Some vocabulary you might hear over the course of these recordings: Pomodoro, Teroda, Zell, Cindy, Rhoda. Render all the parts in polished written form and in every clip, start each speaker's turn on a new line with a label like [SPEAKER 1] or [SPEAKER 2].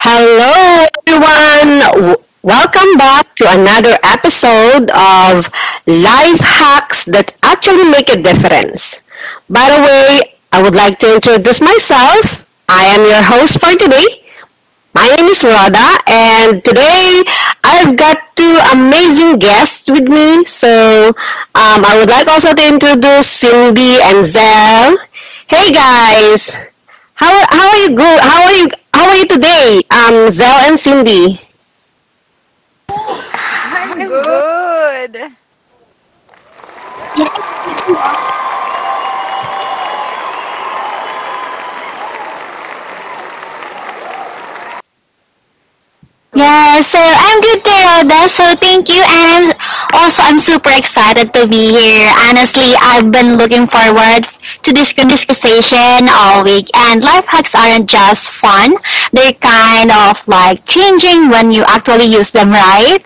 [SPEAKER 1] Hello, everyone. Welcome back to another episode of Life Hacks That Actually Make a Difference. By the way, I would like to introduce myself. I am your host for today, my name is Rhoda, and today I've got two amazing guests with me. So I would like also to introduce Cindy and Zell. Hey guys, how are you go? How are you? How are you today? Zell and Cindy.
[SPEAKER 2] I'm good.
[SPEAKER 3] Yeah, so I'm good, Teroda. So thank you, and I'm also I'm super excited to be here. Honestly, I've been looking forward to this conversation all week. And life hacks aren't just fun; they're kind of like changing when you actually use them, right?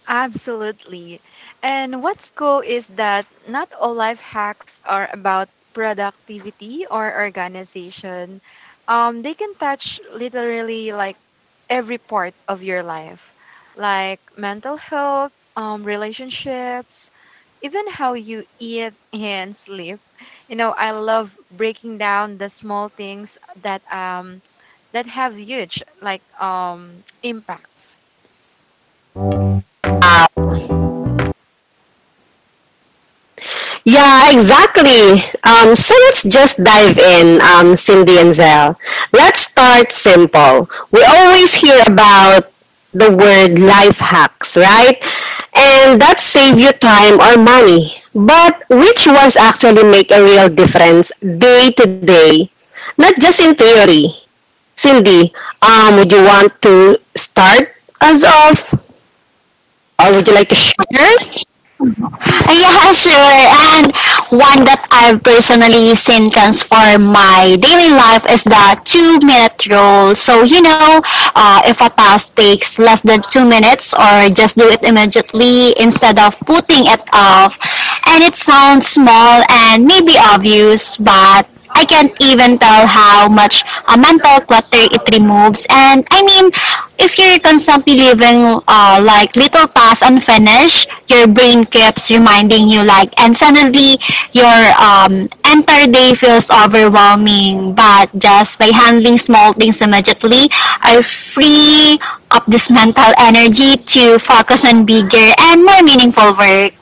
[SPEAKER 2] Absolutely. And what's cool is that not all life hacks are about productivity or organization. They can touch literally like every part of your life, like mental health, relationships, even how you eat and sleep. You know, I love breaking down the small things that have huge impacts.
[SPEAKER 1] Yeah, exactly. So let's just dive in, Cindy and Zell. Let's start simple. We always hear about the word life hacks, right? And that save you time or money. But which ones actually make a real difference day to day? Not just in theory. Cindy, would you want to start us off? Or would you like to share?
[SPEAKER 3] Yeah, sure. And one that I've personally seen transform my daily life is the 2-minute rule. So, if a task takes less than 2 minutes or just do it immediately instead of putting it off. And it sounds small and maybe obvious, but I can't even tell how much mental clutter it removes. And I mean, if you're constantly leaving like little tasks unfinished, your brain keeps reminding you like, and suddenly your entire day feels overwhelming. But just by handling small things immediately, I free up this mental energy to focus on bigger and more meaningful work.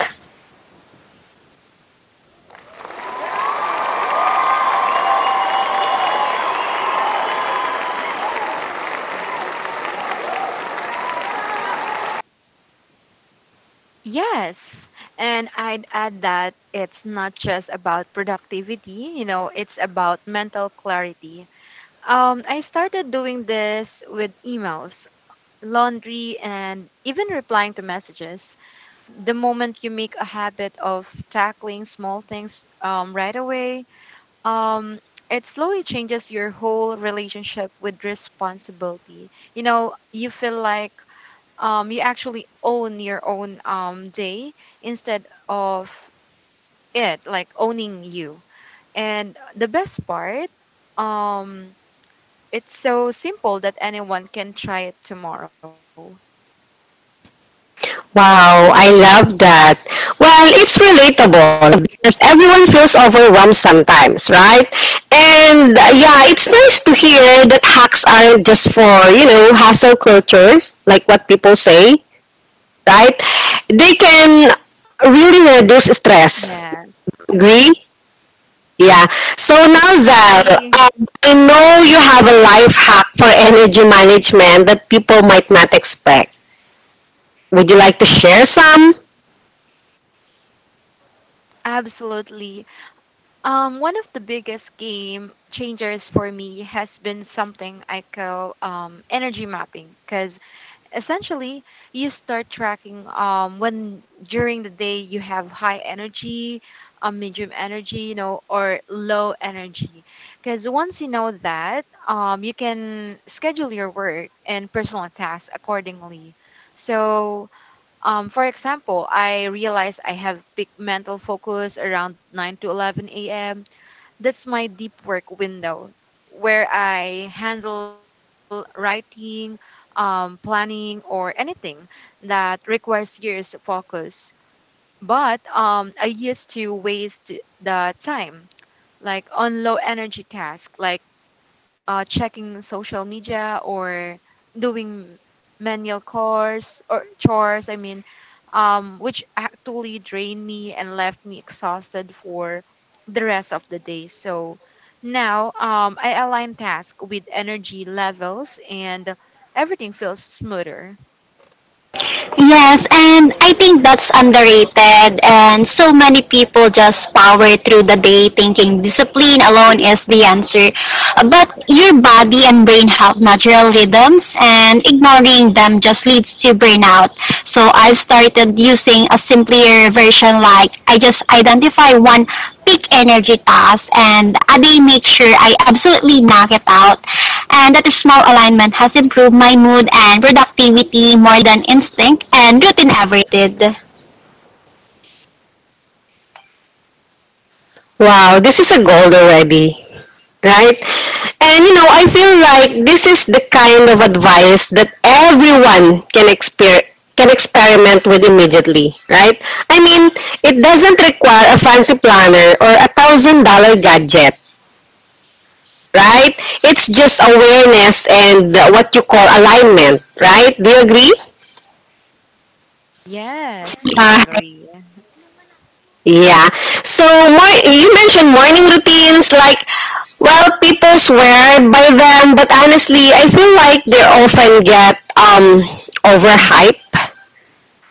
[SPEAKER 2] Yes. And I'd add that it's not just about productivity, you know, it's about mental clarity. I started doing this with emails, laundry, and even replying to messages. The moment you make a habit of tackling small things right away, um, it slowly changes your whole relationship with responsibility. You know, you feel like you actually own your own day instead of it like owning you. And the best part, um it's so simple that anyone can try it tomorrow.
[SPEAKER 1] Wow, I love that. Well, it's relatable because everyone feels overwhelmed sometimes, right? And yeah, it's nice to hear that hacks aren't just for, you know, hustle culture, like what people say, right? They can really reduce stress.
[SPEAKER 2] Yes,
[SPEAKER 1] Agree? Yeah. So now, Zal,
[SPEAKER 2] agree.
[SPEAKER 1] I know you have a life hack for energy management that people might not expect. Would you like to share some?
[SPEAKER 2] Absolutely. One of the biggest game changers for me has been something I call energy mapping, because essentially you start tracking when during the day you have high energy, medium energy, you know, or low energy, because once you know that, you can schedule your work and personal tasks accordingly. So for example, I realize I have peak mental focus around 9 to 11 a.m. That's my deep work window, where I handle writing, planning, or anything that requires years of focus. But I used to waste the time, like on low energy tasks, like checking social media or doing manual chores or chores I mean which actually drained me and left me exhausted for the rest of the day. So now I align tasks with energy levels and everything feels smoother.
[SPEAKER 3] Yes, and I think that's underrated. And so many people just power through the day thinking discipline alone is the answer. But your body and brain have natural rhythms, and ignoring them just leads to burnout. So I've started using a simpler version like I just identify one peak energy task and a day make sure I absolutely knock it out. And that small alignment has improved my mood and productivity more than instinct and routine ever did.
[SPEAKER 1] Wow, this is a gold already, right? And you know, I feel like this is the kind of advice that everyone can experiment with immediately, right? I mean, it doesn't require a fancy planner or $1,000 gadget, right? It's just awareness and what you call alignment, right? Do you agree?
[SPEAKER 2] Yes, we
[SPEAKER 3] Uh,
[SPEAKER 2] agree.
[SPEAKER 1] Yeah. So you mentioned morning routines, like, well, people swear by them, but honestly, I feel like they often get overhyped.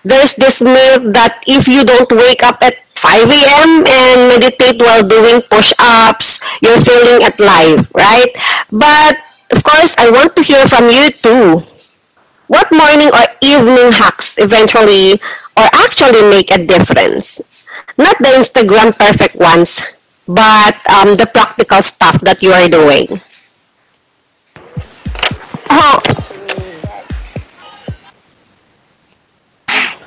[SPEAKER 1] There's this myth that if you don't wake up at 5 a.m. and meditate while doing push-ups, you're failing at life, right? But of course, I want to hear from you too. What morning or evening hacks eventually or actually make a difference? Not the Instagram perfect ones, but the practical stuff that you are doing.
[SPEAKER 3] oh,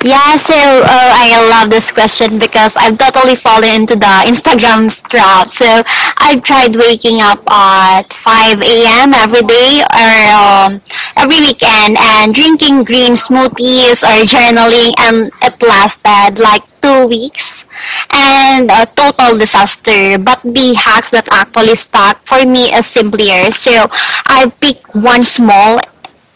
[SPEAKER 3] Yeah, so I love this question because I've totally fallen into the Instagram trap. So I tried waking up at 5 a.m. every day or every weekend and drinking green smoothies or journaling, and it lasted like 2 weeks and a total disaster. But the hacks that actually stuck for me is simpler. So I picked one small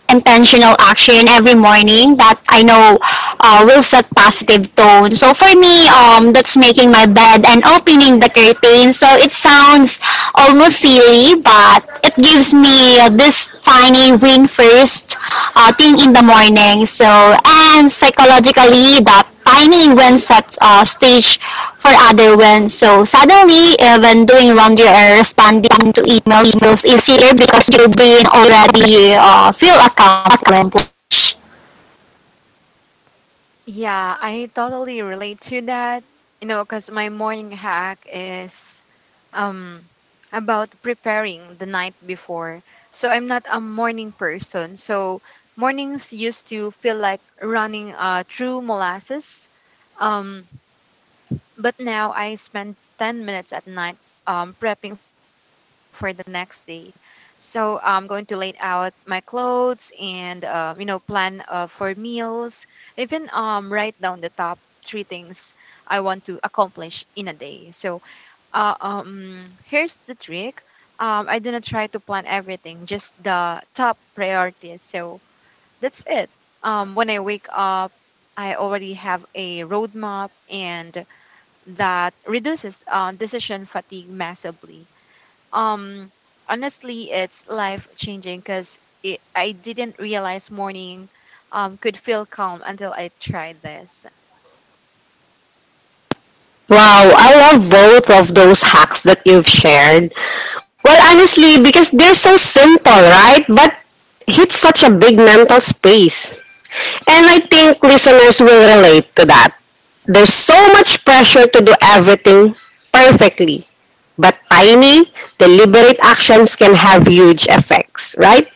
[SPEAKER 3] intentional action every morning that I know will set positive tone. So for me, that's making my bed and opening the curtains. So it sounds almost silly, but it gives me this tiny win first thing in the morning. So, and psychologically, that tiny win sets stage for other wins. So, suddenly, when doing laundry or responding to email, emails easier because your brain already feel accomplished.
[SPEAKER 2] Yeah, I totally relate to that. You know, because my morning hack is um about preparing the night before. So I'm not a morning person. So mornings used to feel like running through molasses. Um but now I spend 10 minutes at night prepping for the next day. So I'm going to lay out my clothes and, you know, plan for meals, even write down the top three things I want to accomplish in a day. So here's the trick. I do not try to plan everything, just the top priorities. So that's it. When I wake up, I already have a roadmap, and that reduces decision fatigue massively. Um, Honestly, it's life changing because I didn't realize morning could feel calm until I tried this.
[SPEAKER 1] Wow, I love both of those hacks that you've shared. Well, honestly, because they're so simple, right? But hit such a big mental space. And I think listeners will relate to that. There's so much pressure to do everything perfectly. But tiny, deliberate actions can have huge effects, right?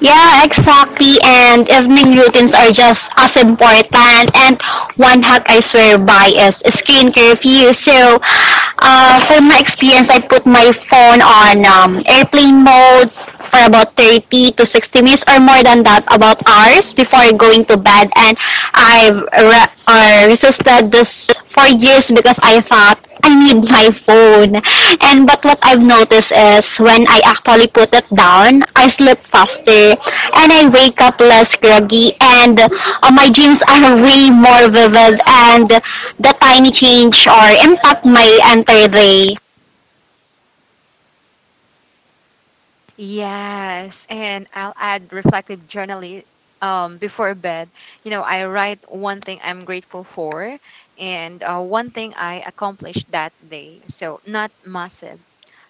[SPEAKER 3] Yeah, exactly. And evening routines are just as important. And one hack I swear by is screen curfew. So, for my experience, I put my phone on airplane mode for about 30 to 60 minutes or more than that, about hours before going to bed. And I resisted this for years because I thought I need my phone. And but what I've noticed is when I actually put it down, I sleep faster and I wake up less groggy and my dreams are way more vivid and the tiny change or impact my entire day.
[SPEAKER 2] Yes, and I'll add reflective journaling before bed. You know, I write one thing I'm grateful for and, one thing I accomplished that day. So, not massive,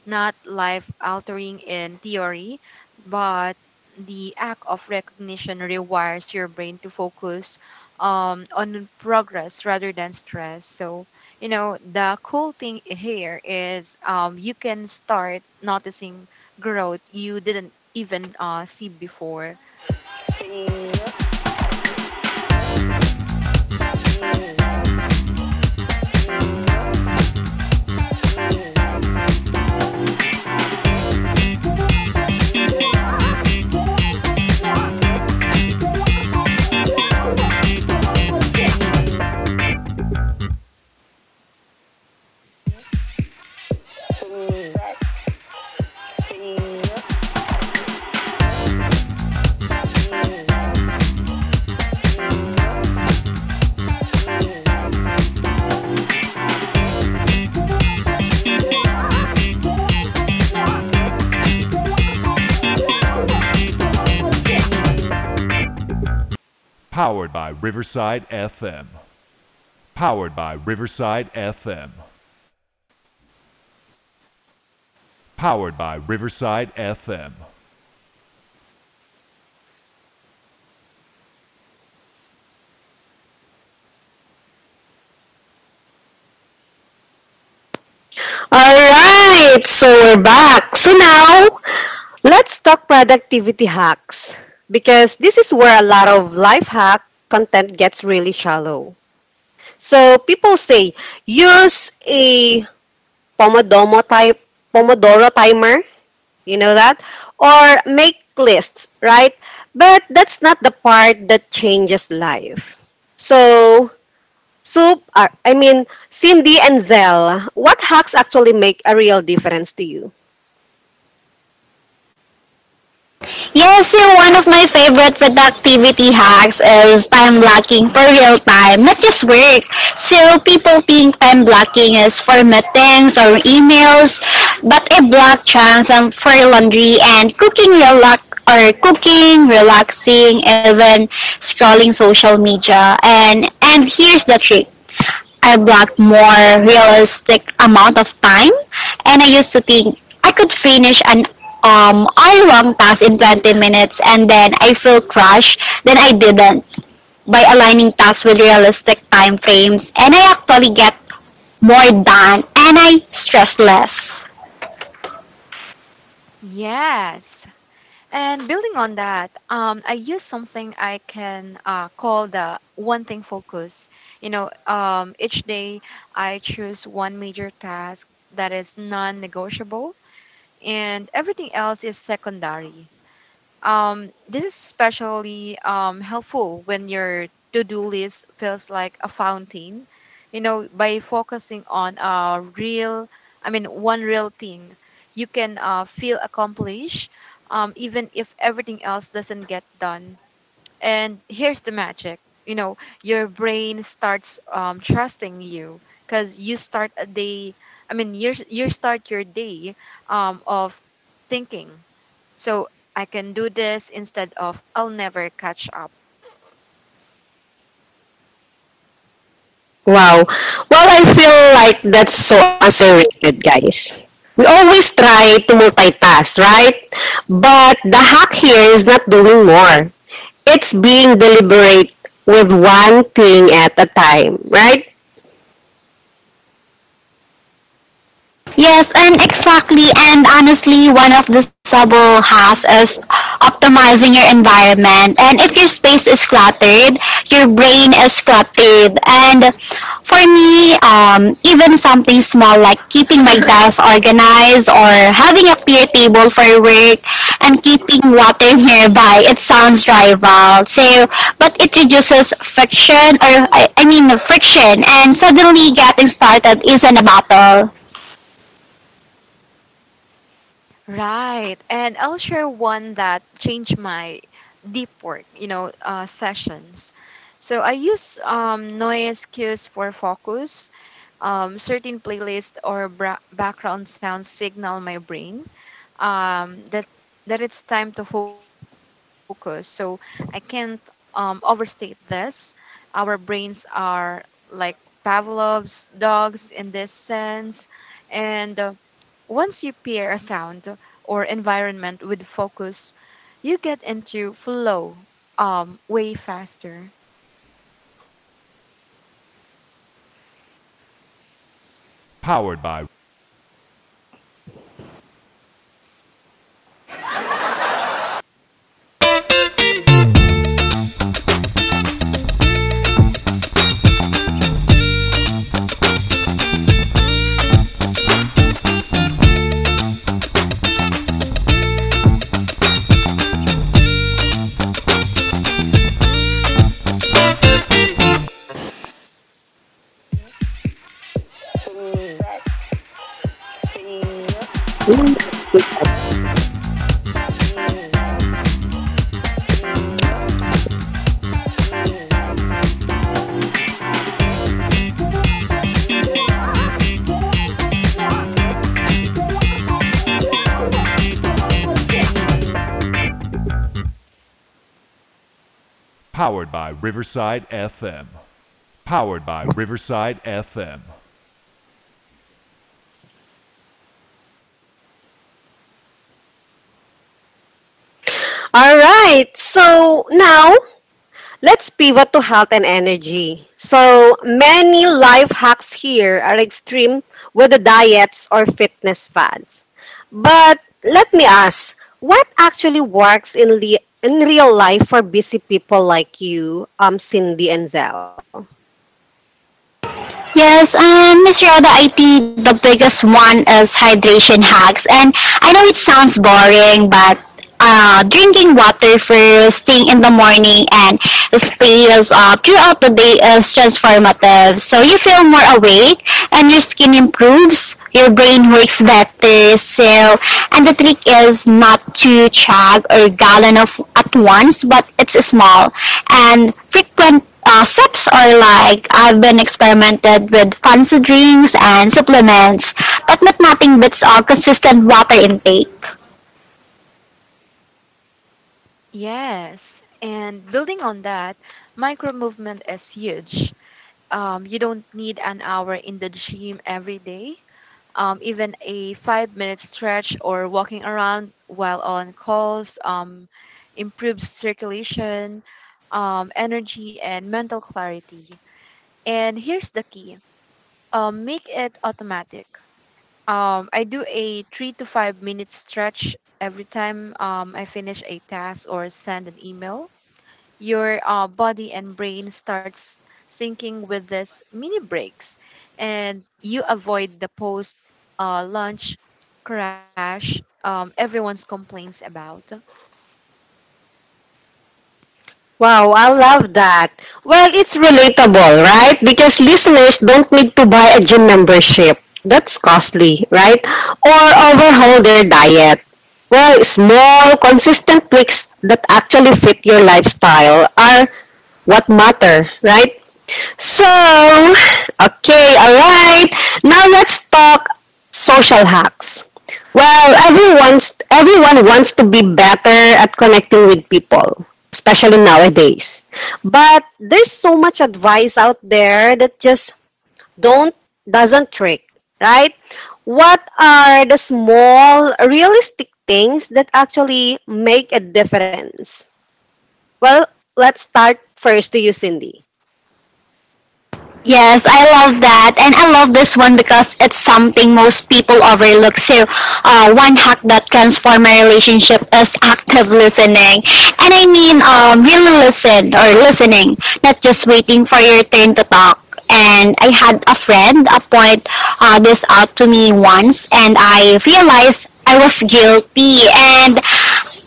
[SPEAKER 2] not life altering in theory, but the act of recognition rewires your brain to focus on progress rather than stress. So, you know, the cool thing here is, you can start noticing growth you didn't even see before.
[SPEAKER 1] Alright, so we're back. So now, let's talk productivity hacks. Because this is where a lot of life hack content gets really shallow. So people say, use a Pomodoro type Pomodoro timer, you know, that, or make lists, right? But that's not the part that changes life. So, soup I mean, Cindy and Zell, what hacks actually make a real difference to you?
[SPEAKER 3] Yes, so one of my favorite productivity hacks is time blocking for real time, not just work. So people think time blocking is for meetings or emails, but I block chunks for laundry and cooking relax or cooking, relaxing, even scrolling social media. And here's the trick. I blocked more realistic amount of time, and I used to think I could finish an hour-long task in 20 minutes, and then I feel crushed. Then I didn't by aligning tasks with realistic time frames, and I actually get more done, and I stress less.
[SPEAKER 2] Yes. And building on that, I use something I can call the one thing focus. You know, each day I choose one major task that is non negotiable, and everything else is secondary. This is especially helpful when your to-do list feels like a fountain. You know, by focusing on a real, I mean, one real thing, you can feel accomplished, even if everything else doesn't get done. And here's the magic. You know, your brain starts trusting you because you start your day of thinking. So I can do this instead of I'll never catch up.
[SPEAKER 1] Wow. Well, I feel like that's so underrated, guys. We always try to multitask, right? But the hack here is not doing more. It's being deliberate with one thing at a time, right?
[SPEAKER 3] Yes, and exactly. And honestly, one of the subtle hacks is optimizing your environment. And if your space is cluttered, your brain is cluttered. And for me, even something small like keeping my desk organized or having a clear table for work and keeping water nearby, it sounds trivial. So, but it reduces friction or I mean friction. And suddenly, getting started isn't a battle.
[SPEAKER 2] Right. And I'll share one that changed my deep work, you know, sessions. So I use noise cues for focus. Certain playlist or background sounds signal my brain um, that that it's time to focus. So I can't overstate this. Our brains are like Pavlov's dogs in this sense, and once you pair a sound or environment with focus, you get into flow way faster.
[SPEAKER 1] Mm. All right. So now let's pivot to health and energy. So many life hacks here are extreme with the diets or fitness fads. But let me ask, what actually works in, in real life for busy people like you, Cindy and Zell?
[SPEAKER 3] Yes, Miss Rhoda, I think the biggest one is hydration hacks. And I know it sounds boring, but drinking water first thing in the morning and space throughout the day is transformative. So you feel more awake and your skin improves, your brain works better. So, and the trick is not to chug or gallon of at once, but it's small and frequent sips are like I've been experimented with fancy drinks and supplements, but not nothing beats a consistent water intake.
[SPEAKER 2] Yes. And building on that, micro movement is huge. You don't need an hour in the gym every day. Even a 5 minute stretch or walking around while on calls improves circulation, energy, and mental clarity. And here's the key, make it automatic. I do a 3 to 5 minute stretch every time I finish a task or send an email. Your body and brain starts syncing with this mini breaks, and you avoid the post lunch crash everyone's complaints about.
[SPEAKER 1] Wow, I love that. Well, it's relatable, right? Because listeners don't need to buy a gym membership. That's costly, right? Or overhaul their diet. Well, small, consistent tweaks that actually fit your lifestyle are what matter, right? So, okay, alright. Now let's talk social hacks. Well, everyone wants to be better at connecting with people, especially nowadays. But there's so much advice out there that just don't doesn't trick, right? What are the small realistic things that actually make a difference? Well, let's start first to you, Cindy.
[SPEAKER 3] Yes, I love that. And I love this one because it's something most people overlook. So, one hack that transform my relationship is active listening. And I mean, really listen or listening, not just waiting for your turn to talk. And I had a friend point this out to me once, and I realized I was guilty. And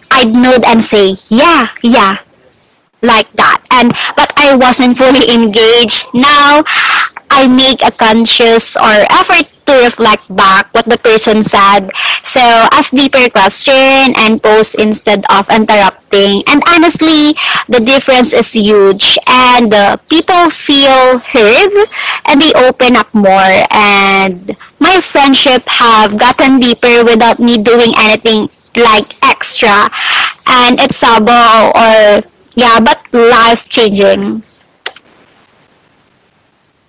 [SPEAKER 3] I'd nod and say, yeah, yeah, like that. And but I wasn't fully engaged. Now I make a conscious or effort to reflect back what the person said. So ask deeper question and post instead of interrupting. And honestly, the difference is huge and people feel heard and they open up more and my friendship have gotten deeper without me doing anything like extra and it's subtle or yeah but life changing.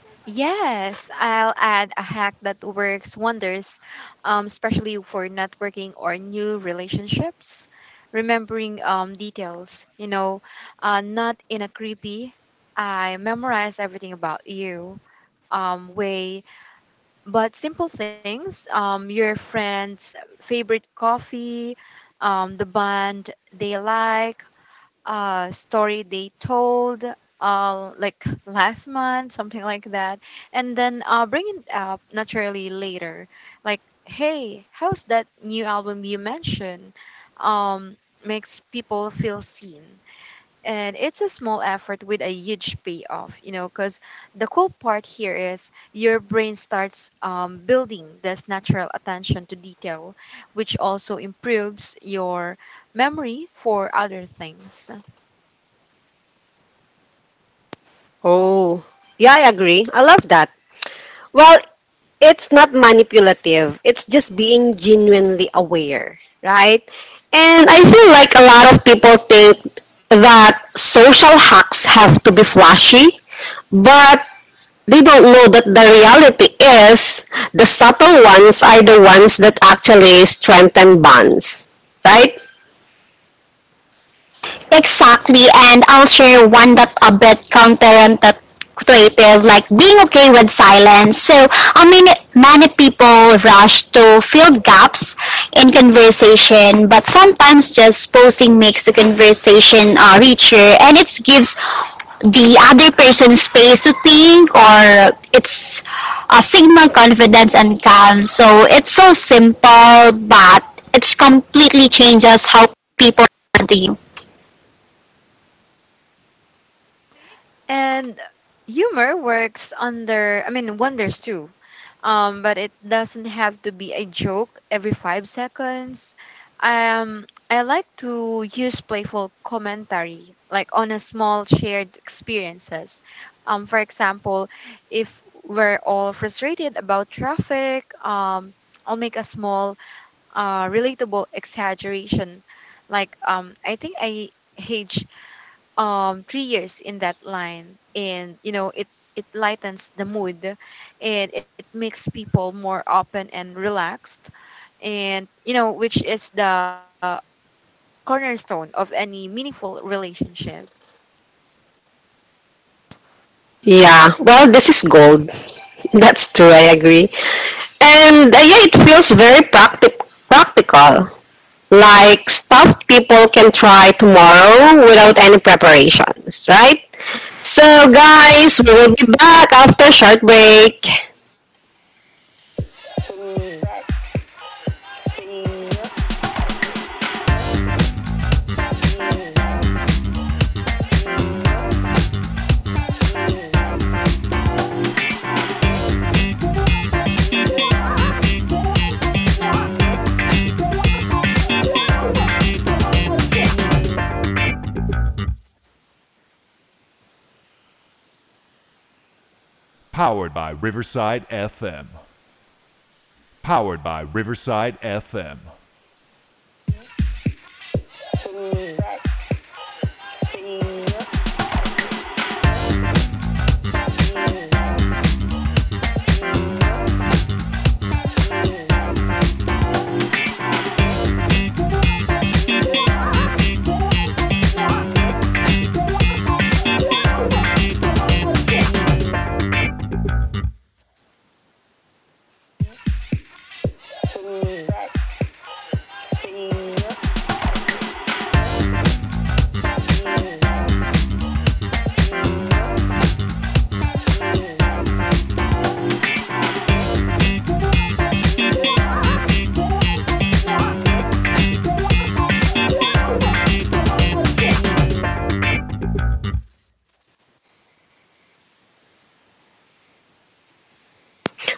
[SPEAKER 2] Yes, I'll add a hack that works wonders, especially for networking or new relationships. Remembering details, you know, not in a creepy, I memorize everything about you way, but simple things, your friend's favorite coffee, the band they like, story they told, like last month, something like that, and then bring it up naturally later. Like, hey, how's that new album you mentioned? Um, Makes people feel seen. And it's a small effort with a huge payoff, you know, because the cool part here is your brain starts building this natural attention to detail, which also improves your memory for other things.
[SPEAKER 1] Oh, yeah, I agree. I love that. Well, it's not manipulative, it's just being genuinely aware, right? And I feel like a lot of people think that social hacks have to be flashy, but they don't know that the reality is the subtle ones are the ones that actually strengthen bonds, right?
[SPEAKER 3] Exactly, and I'll share one that a bit counterintuitive, like being okay with silence. So, I mean, many people rush to fill gaps in conversation, but sometimes just posing makes the conversation richer, and it gives the other person space to think, or it's a signal confidence and calm. So it's so simple, but it's completely changes how people listen to you.
[SPEAKER 2] And humor works wonders too. But it doesn't have to be a joke every 5 seconds. I like to use playful commentary, like on a small shared experiences. For example, if we're all frustrated about traffic, I'll make a small, relatable exaggeration, like, I think I hate 3 years in that line, and you know, it lightens the mood and it makes people more open and relaxed, and you know, which is the cornerstone of any meaningful relationship.
[SPEAKER 1] Yeah, well, this is gold. That's true, I agree. And yeah, it feels very practical. Like stuff people can try tomorrow without any preparations, right? So, guys, we will be back after short break.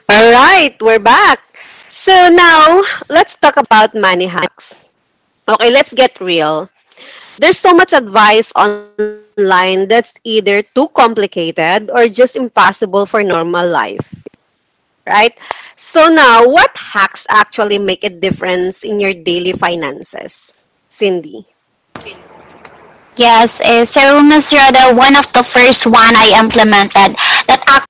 [SPEAKER 1] All right, we're back. So now, let's talk about money hacks. Okay, let's get real. There's so much advice online that's either too complicated or just impossible for normal life, right? So now, what hacks actually make a difference in your daily finances, Cindy?
[SPEAKER 3] Yes, so Ms. Rhoda, one of the first one I implemented that actually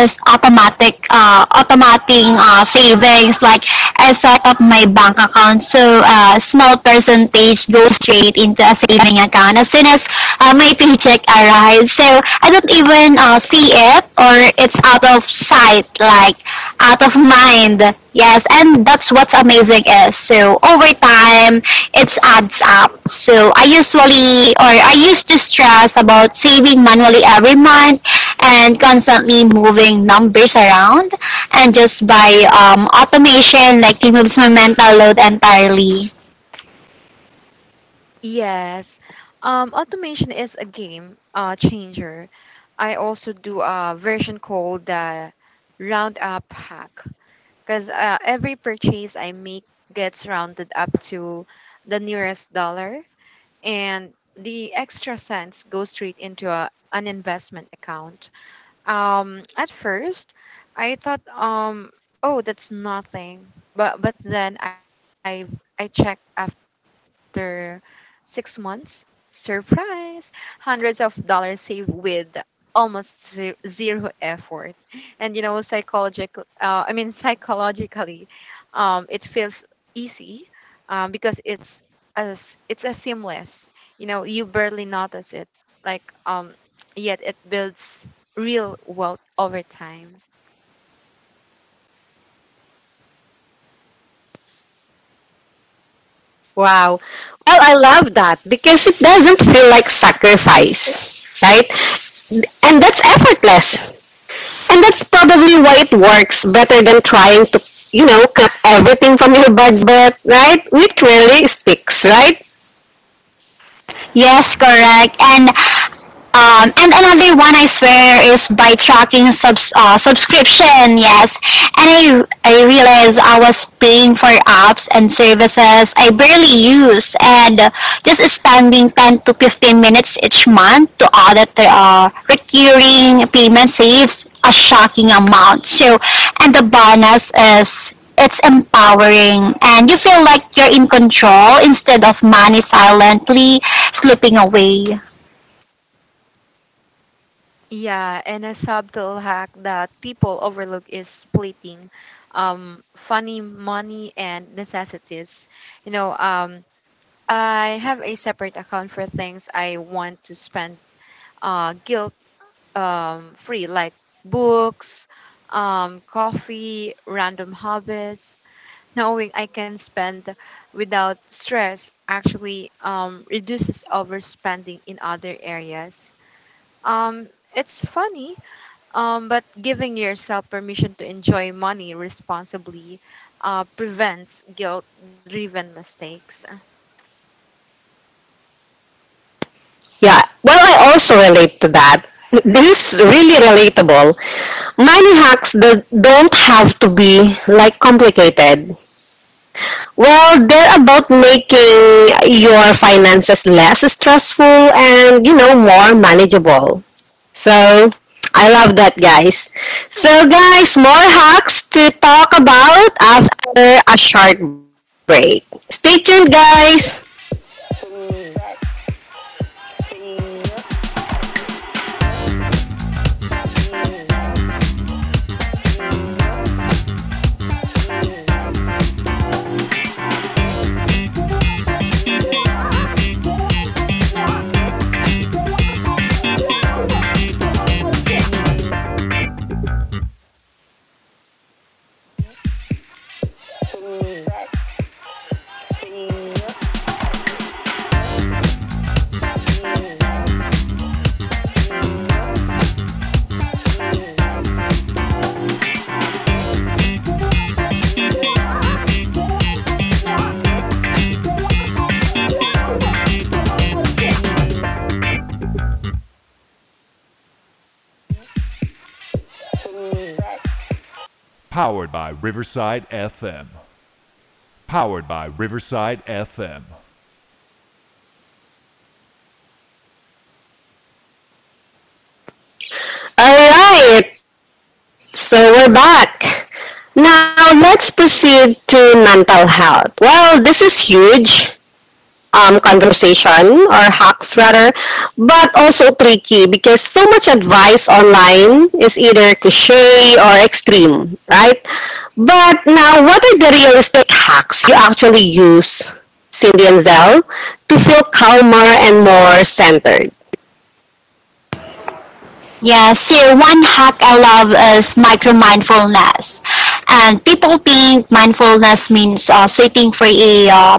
[SPEAKER 3] is automatic, automating savings. Like I set up my bank account, so a small percentage goes straight into a saving account as soon as my paycheck arrives. So I don't even see it or it's out of sight, like out of mind. Yes, and that's what's amazing is so over time it adds up. So I usually or I used to stress about saving manually every month and constantly moving numbers around and just by automation like removes my mental load entirely.
[SPEAKER 2] Yes. Automation is a game changer. I also do a version called the roundup hack, because every purchase I make gets rounded up to the nearest dollar, and the extra cents go straight into an investment account. At first, I thought, oh, that's nothing. But then I checked after 6 months. Surprise! Hundreds of dollars saved with almost zero effort. And you know, psychologically, it feels easy, because it's a seamless. You know, you barely notice it. Like um, Yet it builds real wealth over time.
[SPEAKER 1] Wow. Well, I love that because it doesn't feel like sacrifice, right? And that's effortless. And that's probably why it works better than trying to, you know, cut everything from your budget, right? Which really sticks, right?
[SPEAKER 3] Yes, correct. And another one I swear is by tracking subscription. Yes, and I realized I was paying for apps and services I barely use, and just spending 10 to 15 minutes each month to audit the recurring payment saves a shocking amount. So, and the bonus is it's empowering and you feel like you're in control instead of money silently slipping away.
[SPEAKER 2] Yeah, and a subtle hack that people overlook is splitting funny money and necessities. You know, I have a separate account for things I want to spend guilt free, like books, coffee, random hobbies. Knowing I can spend without stress actually reduces overspending in other areas. Um, it's funny, but giving yourself permission to enjoy money responsibly prevents guilt driven mistakes.
[SPEAKER 1] Yeah. Well, I also relate to that. This is really relatable. Money hacks that don't have to be like complicated. Well, they're about making your finances less stressful and, you know, more manageable. So, I love that, guys. So, guys, more hacks to talk about after a short break. Stay tuned, guys. All right, so we're back. Now, let's proceed to mental health. Well, this is huge, conversation or hacks rather, but also tricky because so much advice online is either cliche or extreme, right? But now, what are the realistic hacks you actually use, Cindy and Zell, to feel calmer and more centered?
[SPEAKER 3] Yeah, so one hack I love is micro mindfulness. And people think mindfulness means sitting for a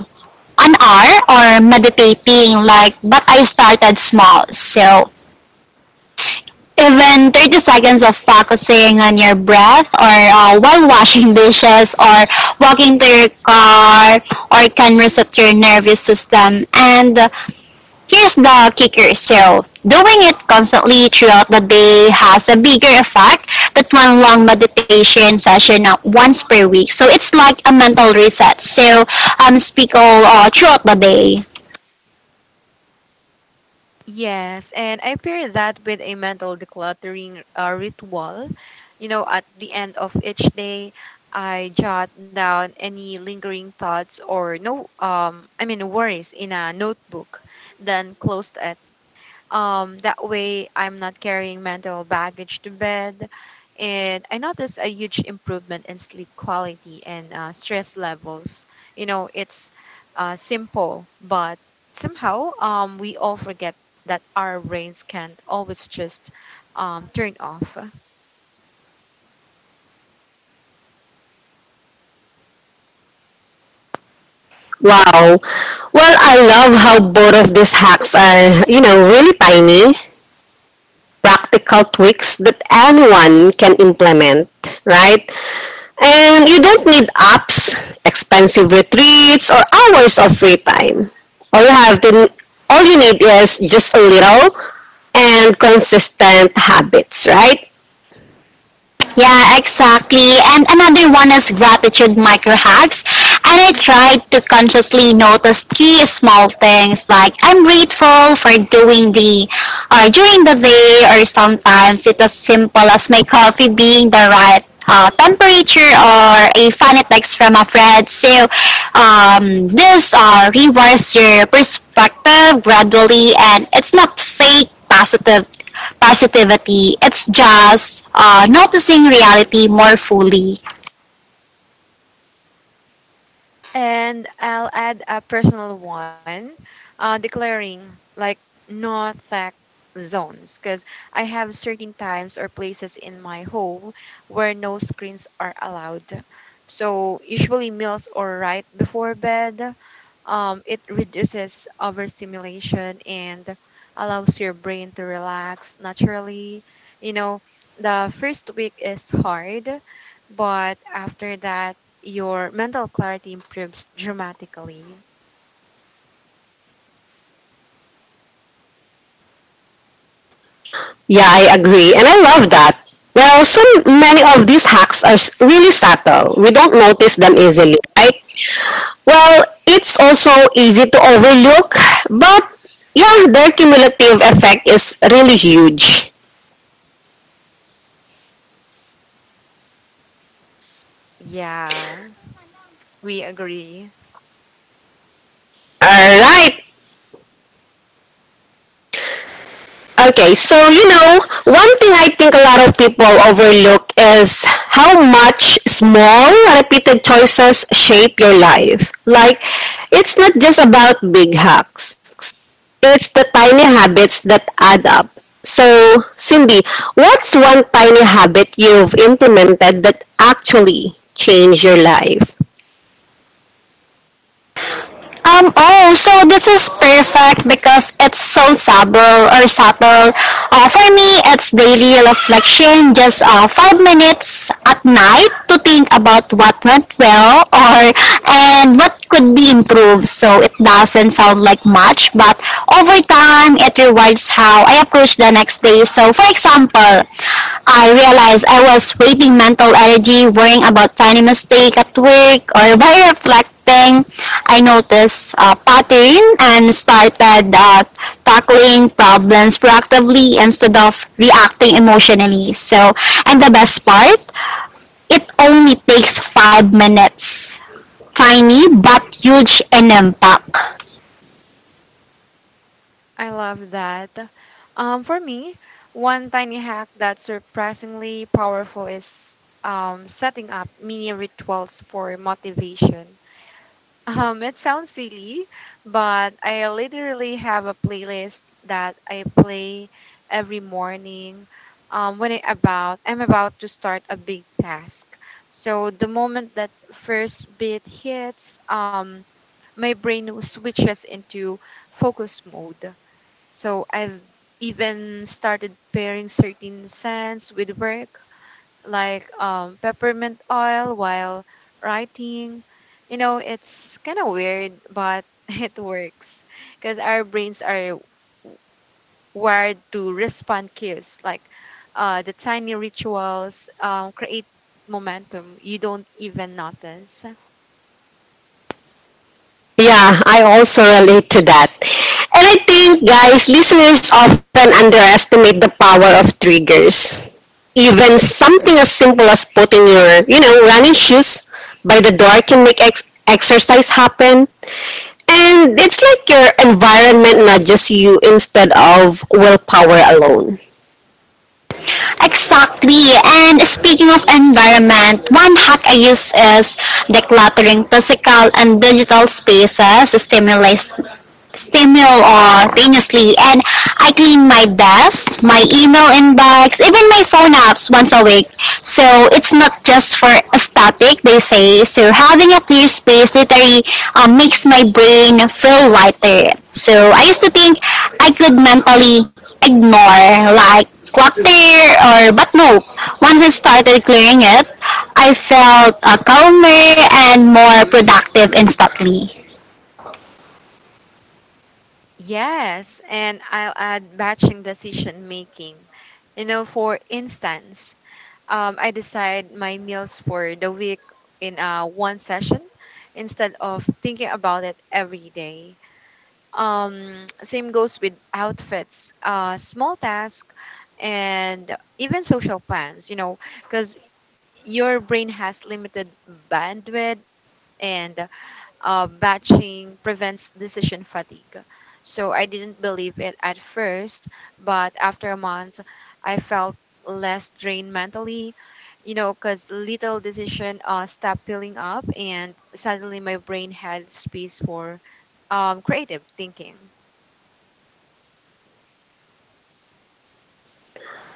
[SPEAKER 3] an hour or meditating like but I started small. So even 30 seconds of focusing on your breath or while washing dishes or walking to your car or can reset your nervous system and here's the kicker. So, doing it constantly throughout the day has a bigger effect than one long meditation session once per week. So, it's like a mental reset. So, speak all throughout the day.
[SPEAKER 2] Yes, and I pair that with a mental decluttering ritual. You know, at the end of each day, I jot down any lingering thoughts or no, I mean, worries in a notebook, then close it. That way, I'm not carrying mental baggage to bed. And I noticed a huge improvement in sleep quality and stress levels. You know, it's simple, but somehow, we all forget that our brains can't always just turn off.
[SPEAKER 1] Wow. Well, I love how both of these hacks are, you know, really tiny, practical tweaks that anyone can implement, right? And you don't need apps, expensive retreats, or hours of free time. All you have to, all you need is just a little and consistent habits, right?
[SPEAKER 3] Yeah, exactly. And another one is gratitude micro hacks. And I tried to consciously notice three small things like I'm grateful for doing the or during the day or sometimes it's as simple as my coffee being the right temperature or a fan text from a friend. So this rewards your perspective gradually and it's not fake positive positivity. It's just noticing reality more fully.
[SPEAKER 2] And I'll add a personal one, declaring like no tech zones, because I have certain times or places in my home where no screens are allowed. So usually meals or right before bed, it reduces overstimulation and allows your brain to relax naturally. You know, the first week is hard, but after that your mental clarity improves dramatically.
[SPEAKER 1] Yeah, I agree, and I love that. Well, so many of these hacks are really subtle. We don't notice them easily, right? Well, it's also easy to overlook, but yeah, their cumulative effect is really huge.
[SPEAKER 2] Yeah, we agree.
[SPEAKER 1] All right. Okay, so you know, one thing I think a lot of people overlook is how much small, repeated choices shape your life. Like, it's not just about big hacks, it's the tiny habits that add up. So, Cindy, what's one tiny habit you've implemented that actually changed your life?
[SPEAKER 3] Oh, so this is perfect because it's so subtle or subtle. For me, it's daily reflection, just 5 minutes at night to think about what went well or and what could be improved. So it doesn't sound like much, but over time, it rewards how I approach the next day. So, for example, I realized I was wasting mental energy worrying about tiny mistake at work or by reflecting, I noticed a pattern and started tackling problems proactively instead of reacting emotionally. So, and the best part, it only takes 5 minutes. Tiny but huge in impact.
[SPEAKER 2] I love that. For me, one tiny hack that's surprisingly powerful is setting up mini rituals for motivation. It sounds silly, but I literally have a playlist that I play every morning. When I'm about to start a big task, so the moment that first beat hits, my brain switches into focus mode. So I've even started pairing certain scents with work, like, peppermint oil while writing. You know, it's kind of weird, but it works, because our brains are wired to respond cues like, the tiny rituals create momentum you don't even notice.
[SPEAKER 1] Yeah, I also relate to that. And I think, guys, listeners often underestimate the power of triggers. Even something as simple as putting your, you know, running shoes by the door can make exercise happen. And it's like your environment nudges you instead of willpower alone.
[SPEAKER 3] Exactly. And speaking of environment, one hack I use is decluttering physical and digital spaces stimulates simultaneously and I clean my desk, my email inbox, even my phone apps once a week. So it's not just for aesthetic, they say. So having a clear space literally makes my brain feel lighter. So I used to think I could mentally ignore like clutter or but no. Once I started clearing it, I felt calmer and more productive instantly.
[SPEAKER 2] Yes, and I'll add batching decision making. You know, for instance, I decide my meals for the week in one session instead of thinking about it every day. Same goes with outfits, small tasks, and even social plans, you know, because your brain has limited bandwidth, and batching prevents decision fatigue. So I didn't believe it at first, but after a month, I felt less drained mentally, you know, because little decision stopped peeling up, and suddenly my brain had space for creative thinking.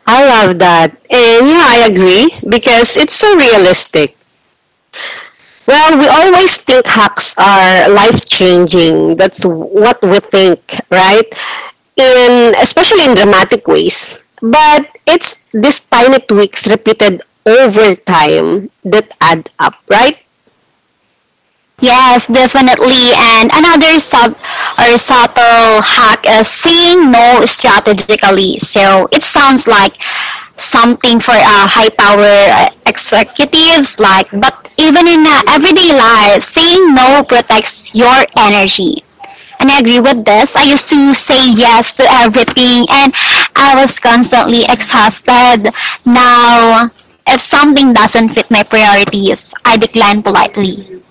[SPEAKER 1] I love that. And yeah, I agree because it's so realistic. Well, we always think hacks are life changing. That's what we think, right? In especially in dramatic ways. But it's these tiny tweaks repeated over time that add up, right?
[SPEAKER 3] Yes, definitely. And another subtle hack is saying no strategically. So it sounds like something for high power executives like but even in everyday life, saying no protects your energy. And I agree with this. I used to say yes to everything and I was constantly exhausted. Now, if something doesn't fit my priorities, I decline politely.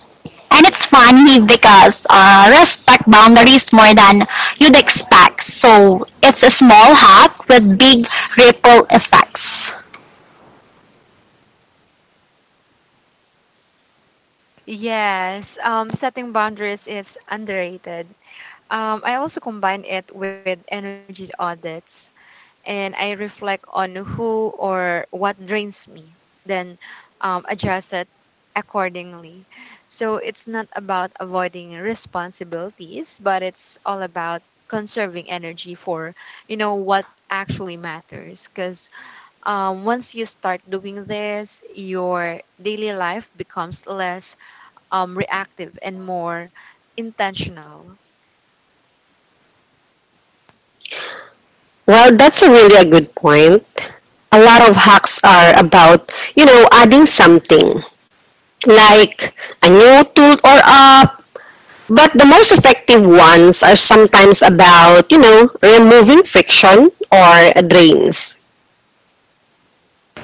[SPEAKER 3] And it's funny because respect boundaries more than you'd expect. So it's a small hack with big ripple effects.
[SPEAKER 2] Yes, setting boundaries is underrated. I also combine it with energy audits, and I reflect on who or what drains me, then adjust it accordingly. So it's not about avoiding responsibilities, but it's all about conserving energy for, you know, what actually matters, because once you start doing this, your daily life becomes less reactive and more intentional.
[SPEAKER 1] Well, that's a really a good point. A lot of hacks are about, you know, adding something like a new tool or app. But the most effective ones are sometimes about, you know, removing friction or drains.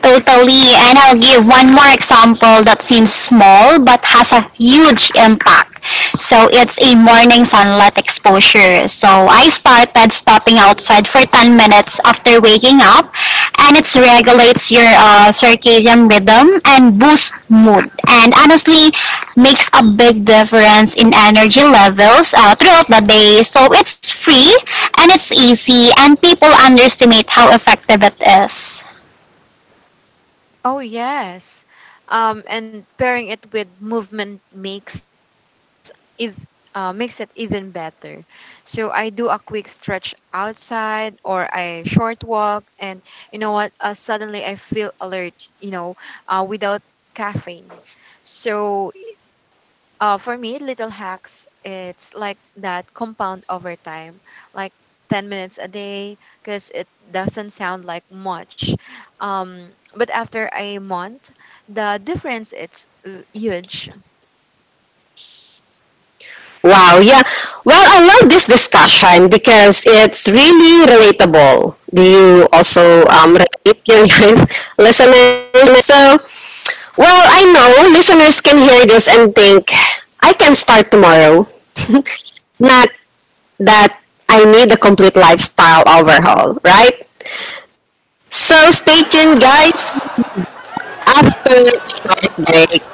[SPEAKER 3] Totally, and I'll give one more example that seems small but has a huge impact. So it's a morning sunlight exposure. So I started stepping outside for 10 minutes after waking up, and it regulates your circadian rhythm and boosts mood. And honestly, makes a big difference in energy levels throughout the day. So it's free and it's easy, and people underestimate how effective it is.
[SPEAKER 2] Oh yes, and pairing it with movement makes if makes it even better. So I do a quick stretch outside or a short walk, and you know what? Suddenly I feel alert. You know, without caffeine. So, for me, little hacks, it's like that compound over time, like 10 minutes a day, because it doesn't sound like much. But after a month, the difference it's huge.
[SPEAKER 1] Wow, yeah. Well, I love this discussion because it's really relatable. Do you also relate, your listeners? So, well, I know listeners can hear this and think, I can start tomorrow. Not that I need a complete lifestyle overhaul, right? So, stay tuned, guys, after a short break.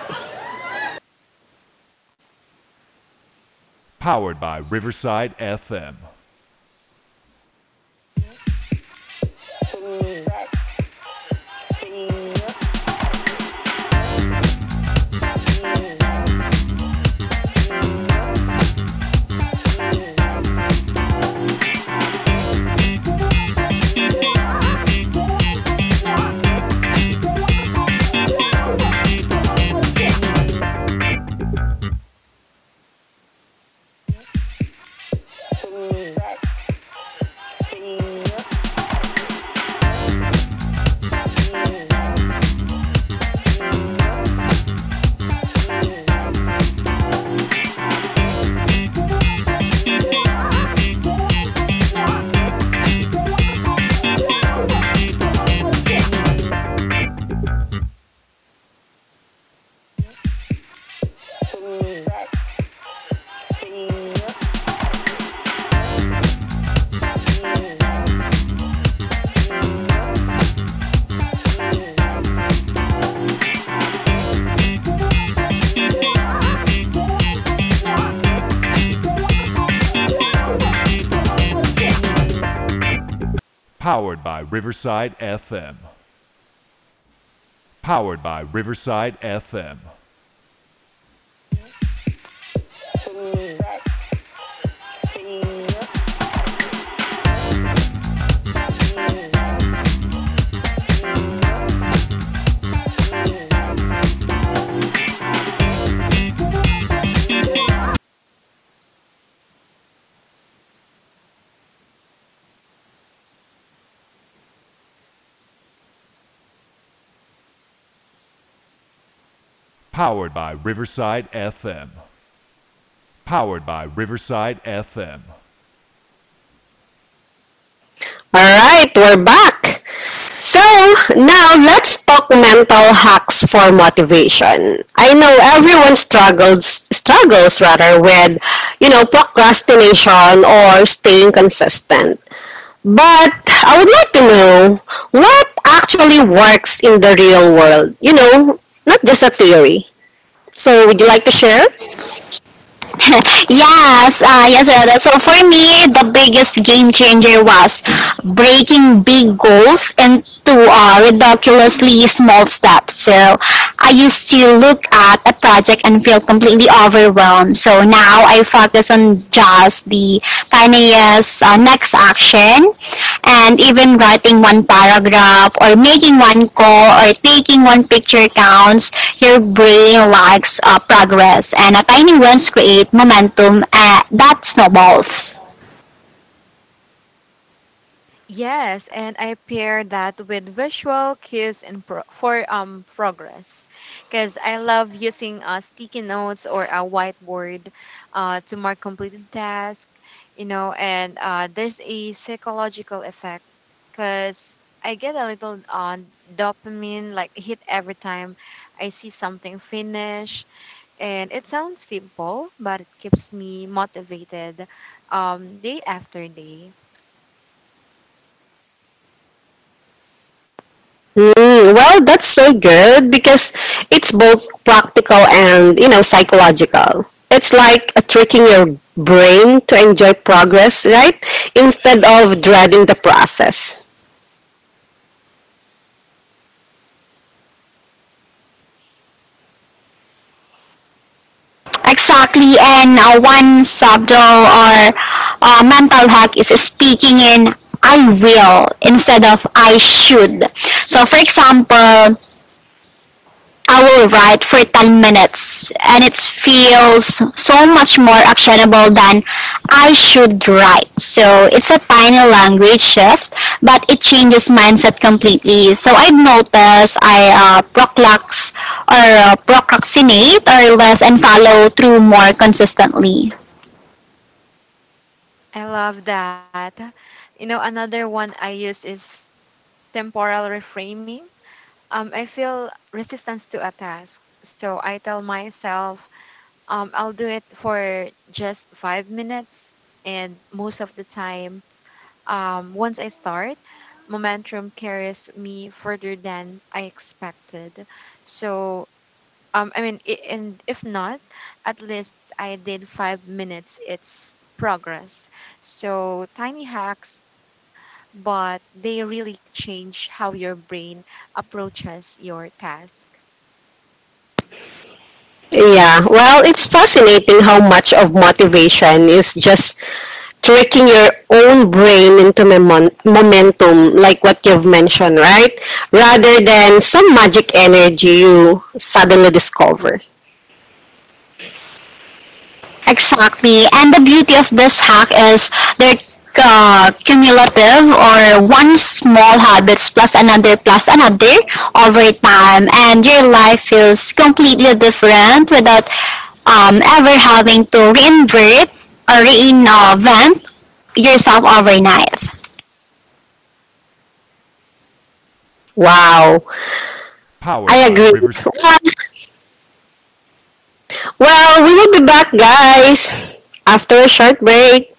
[SPEAKER 1] All right, we're back. So, now let's talk mental hacks for motivation. I know everyone struggles rather with, you know, procrastination or staying consistent. But I would like to know what actually works in the real world, you know, not just a theory. So, would you like to share?
[SPEAKER 3] Yes, Rhoda. So for me, the biggest game changer was breaking big goals into ridiculously small steps. So I used to look at a project and feel completely overwhelmed. So now I focus on just the tiniest next action and even writing one paragraph or making one call or taking one picture counts your brain likes progress and a tiny wins create momentum that snowballs.
[SPEAKER 2] Yes, and I pair that with visual cues for progress, because I love using sticky notes or a whiteboard to mark completed task, you know, and there's a psychological effect, because I get a little dopamine like hit every time I see something finished, and it sounds simple, but it keeps me motivated day after day.
[SPEAKER 1] Mm, well, that's so good because it's both practical and, you know, psychological. It's like tricking your brain to enjoy progress, right? Instead of dreading the process.
[SPEAKER 3] Exactly, and one subtle or mental hack is speaking in I will instead of I should. So for example, I will write for 10 minutes and it feels so much more actionable than I should write. So it's a tiny language shift, but it changes mindset completely. So I've noticed I proclax or procrastinate or less and follow through more consistently.
[SPEAKER 2] I love that. You know, another one I use is temporal reframing. I feel resistance to a task. So I tell myself, I'll do it for just 5 minutes. And most of the time, once I start, momentum carries me further than I expected. So and if not, at least I did 5 minutes. It's progress. So tiny hacks, but they really change how your brain approaches your task.
[SPEAKER 1] Yeah, well, it's fascinating how much of motivation is just tricking your own brain into momentum, like what you've mentioned, right? Rather than some magic energy you suddenly discover.
[SPEAKER 3] Exactly. And the beauty of this hack is they're cumulative or one small habits plus another over time and your life feels completely different without ever having to reinvert or reinvent yourself overnight.
[SPEAKER 1] Wow. I agree. Well, well, we will be back, guys, after a short break.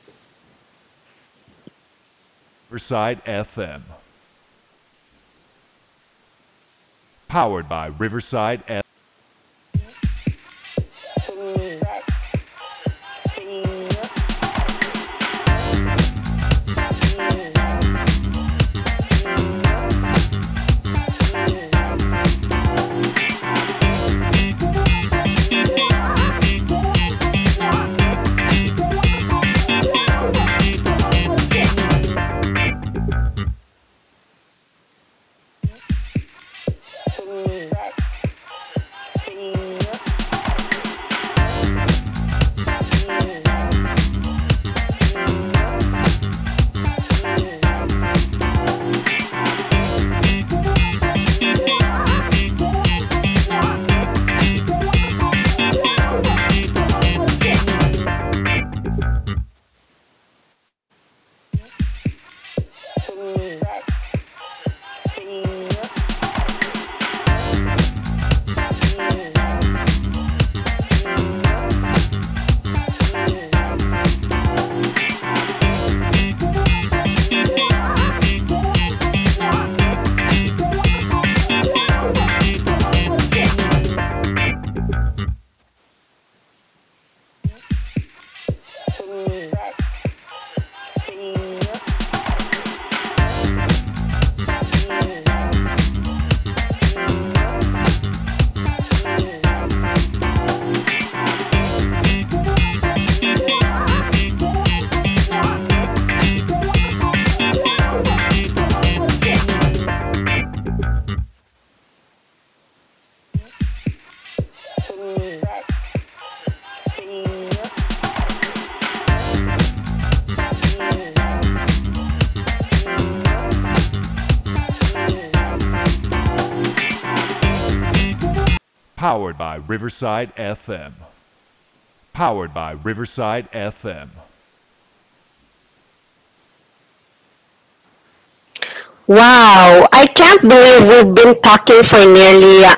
[SPEAKER 1] Wow, I can't believe we've been talking for nearly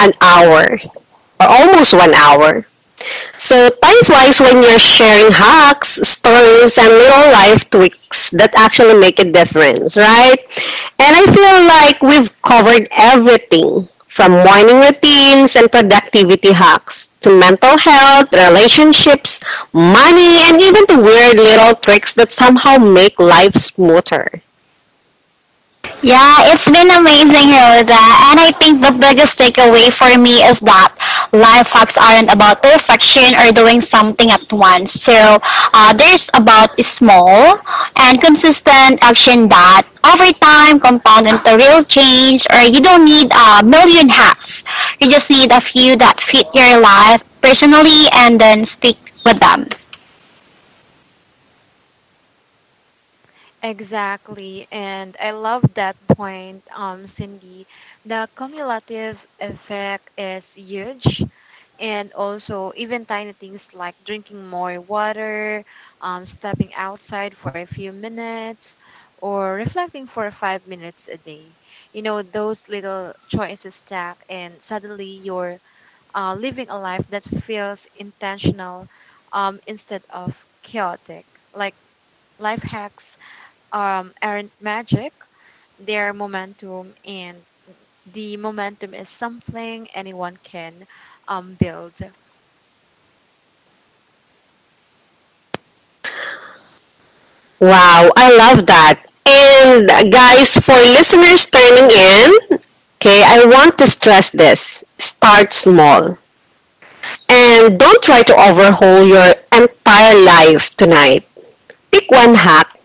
[SPEAKER 1] an hour, or almost one hour. So time flies when you're sharing hacks, stories, and little life tweaks that actually make a difference, right? And I feel like we've covered everything from morning routines and productivity hacks to mental health, relationships, money, and even the weird little tricks that somehow make life smoother.
[SPEAKER 3] Yeah, it's been amazing, Rhoda. And I think the biggest takeaway for me is that life hacks aren't about perfection or doing something at once. So there's about small and consistent action that over time compound into real change or you don't need a million hacks. You just need a few that fit your life personally and then stick with them.
[SPEAKER 2] Exactly. And I love that point, Cindy. The cumulative effect is huge. And also even tiny things like drinking more water, stepping outside for a few minutes, or reflecting for 5 minutes a day. You know, those little choices stack, and suddenly you're living a life that feels intentional instead of chaotic. Like life hacks aren't magic, they're momentum, and the momentum is something anyone can build.
[SPEAKER 1] Wow, I love that. And guys, for listeners turning in, okay, I want to stress this. Start small. And don't try to overhaul your entire life tonight. Pick one hack,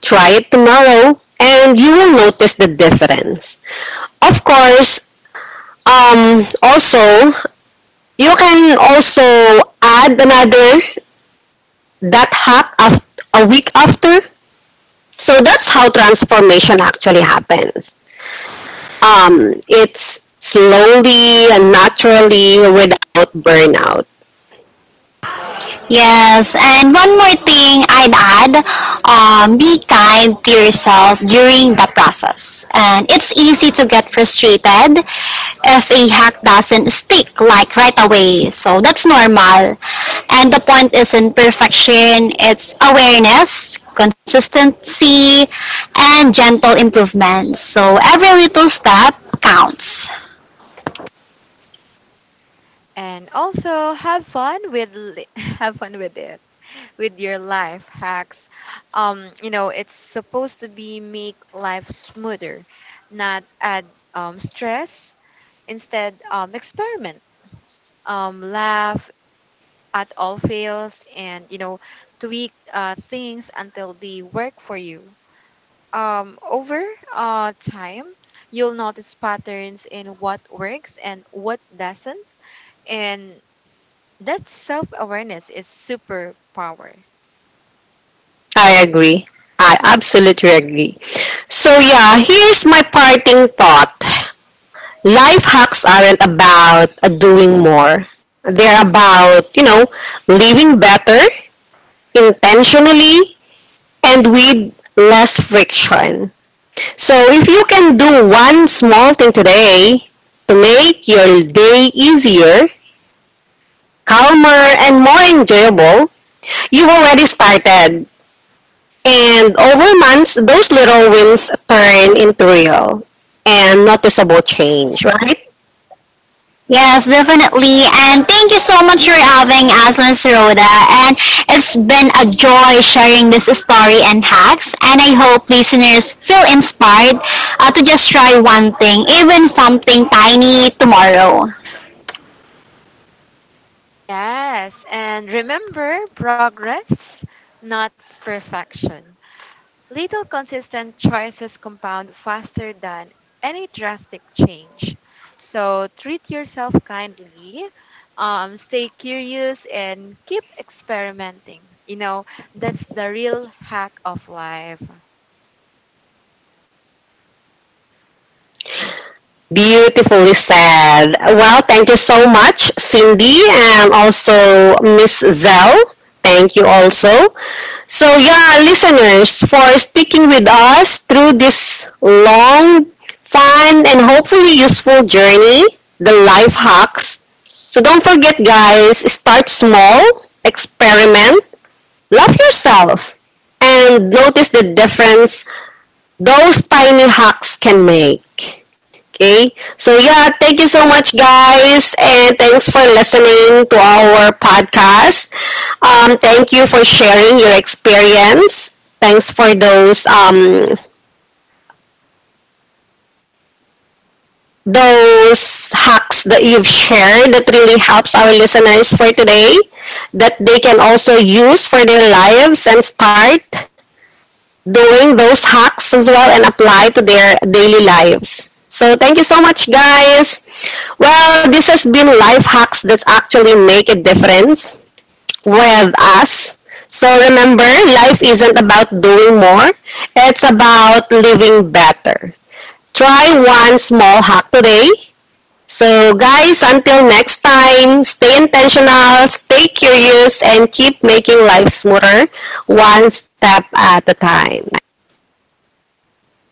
[SPEAKER 1] try it tomorrow, and you will notice the difference. Of course, also, you can also add another that hack after a week after. So that's how transformation actually happens. It's slowly and naturally without burnout.
[SPEAKER 3] Yes, and one more thing I'd add, be kind to yourself during the process. And it's easy to get frustrated if a hack doesn't stick, like right away. So that's normal. And the point isn't perfection, it's awareness, consistency, and gentle improvement. So every little step counts.
[SPEAKER 2] And also have fun have fun with it, with your life hacks. You know, it's supposed to be make life smoother, not add stress. Instead, experiment, laugh at all fails, and you know, tweak things until they work for you. Over time, you'll notice patterns in what works and what doesn't, and that self awareness is superpower.
[SPEAKER 1] I agree. I absolutely agree. So, yeah, here's my parting thought. Life hacks aren't about doing more, they're about, you know, living better intentionally and with less friction. So, if you can do one small thing today to make your day easier, calmer, and more enjoyable, you've already started. And over months, those little wins turn into real and noticeable change, right?
[SPEAKER 3] Yes, definitely. And thank you so much for having us, Miss Rhoda. And it's been a joy sharing this story and hacks. And I hope listeners feel inspired to just try one thing, even something tiny tomorrow.
[SPEAKER 2] Yes, and remember, progress, not perfection. Little consistent choices compound faster than any drastic change. So treat yourself kindly, stay curious, and keep experimenting. You know, that's the real hack of life.
[SPEAKER 1] Beautifully said. Well, thank you so much, Cindy, and also Miss Zell. Thank you also. So, yeah, listeners, for sticking with us through this long, fun, and hopefully useful journey, the life hacks. So, don't forget, guys, start small, experiment. Love yourself and notice the difference those tiny hacks can make. Okay? So yeah, thank you so much, guys, and thanks for listening to our podcast. Thank you for sharing your experience. Thanks for those hacks that you've shared that really helps our listeners for today that they can also use for their lives and start doing those hacks as well and apply to their daily lives. So thank you so much, guys. Well, this has been life hacks that actually make a difference with us. So remember, life isn't about doing more. It's about living better. Try one small hack today, so, guys, until next time, stay intentional, stay curious, and keep making life smoother one step at a time. Thank you so much, guys.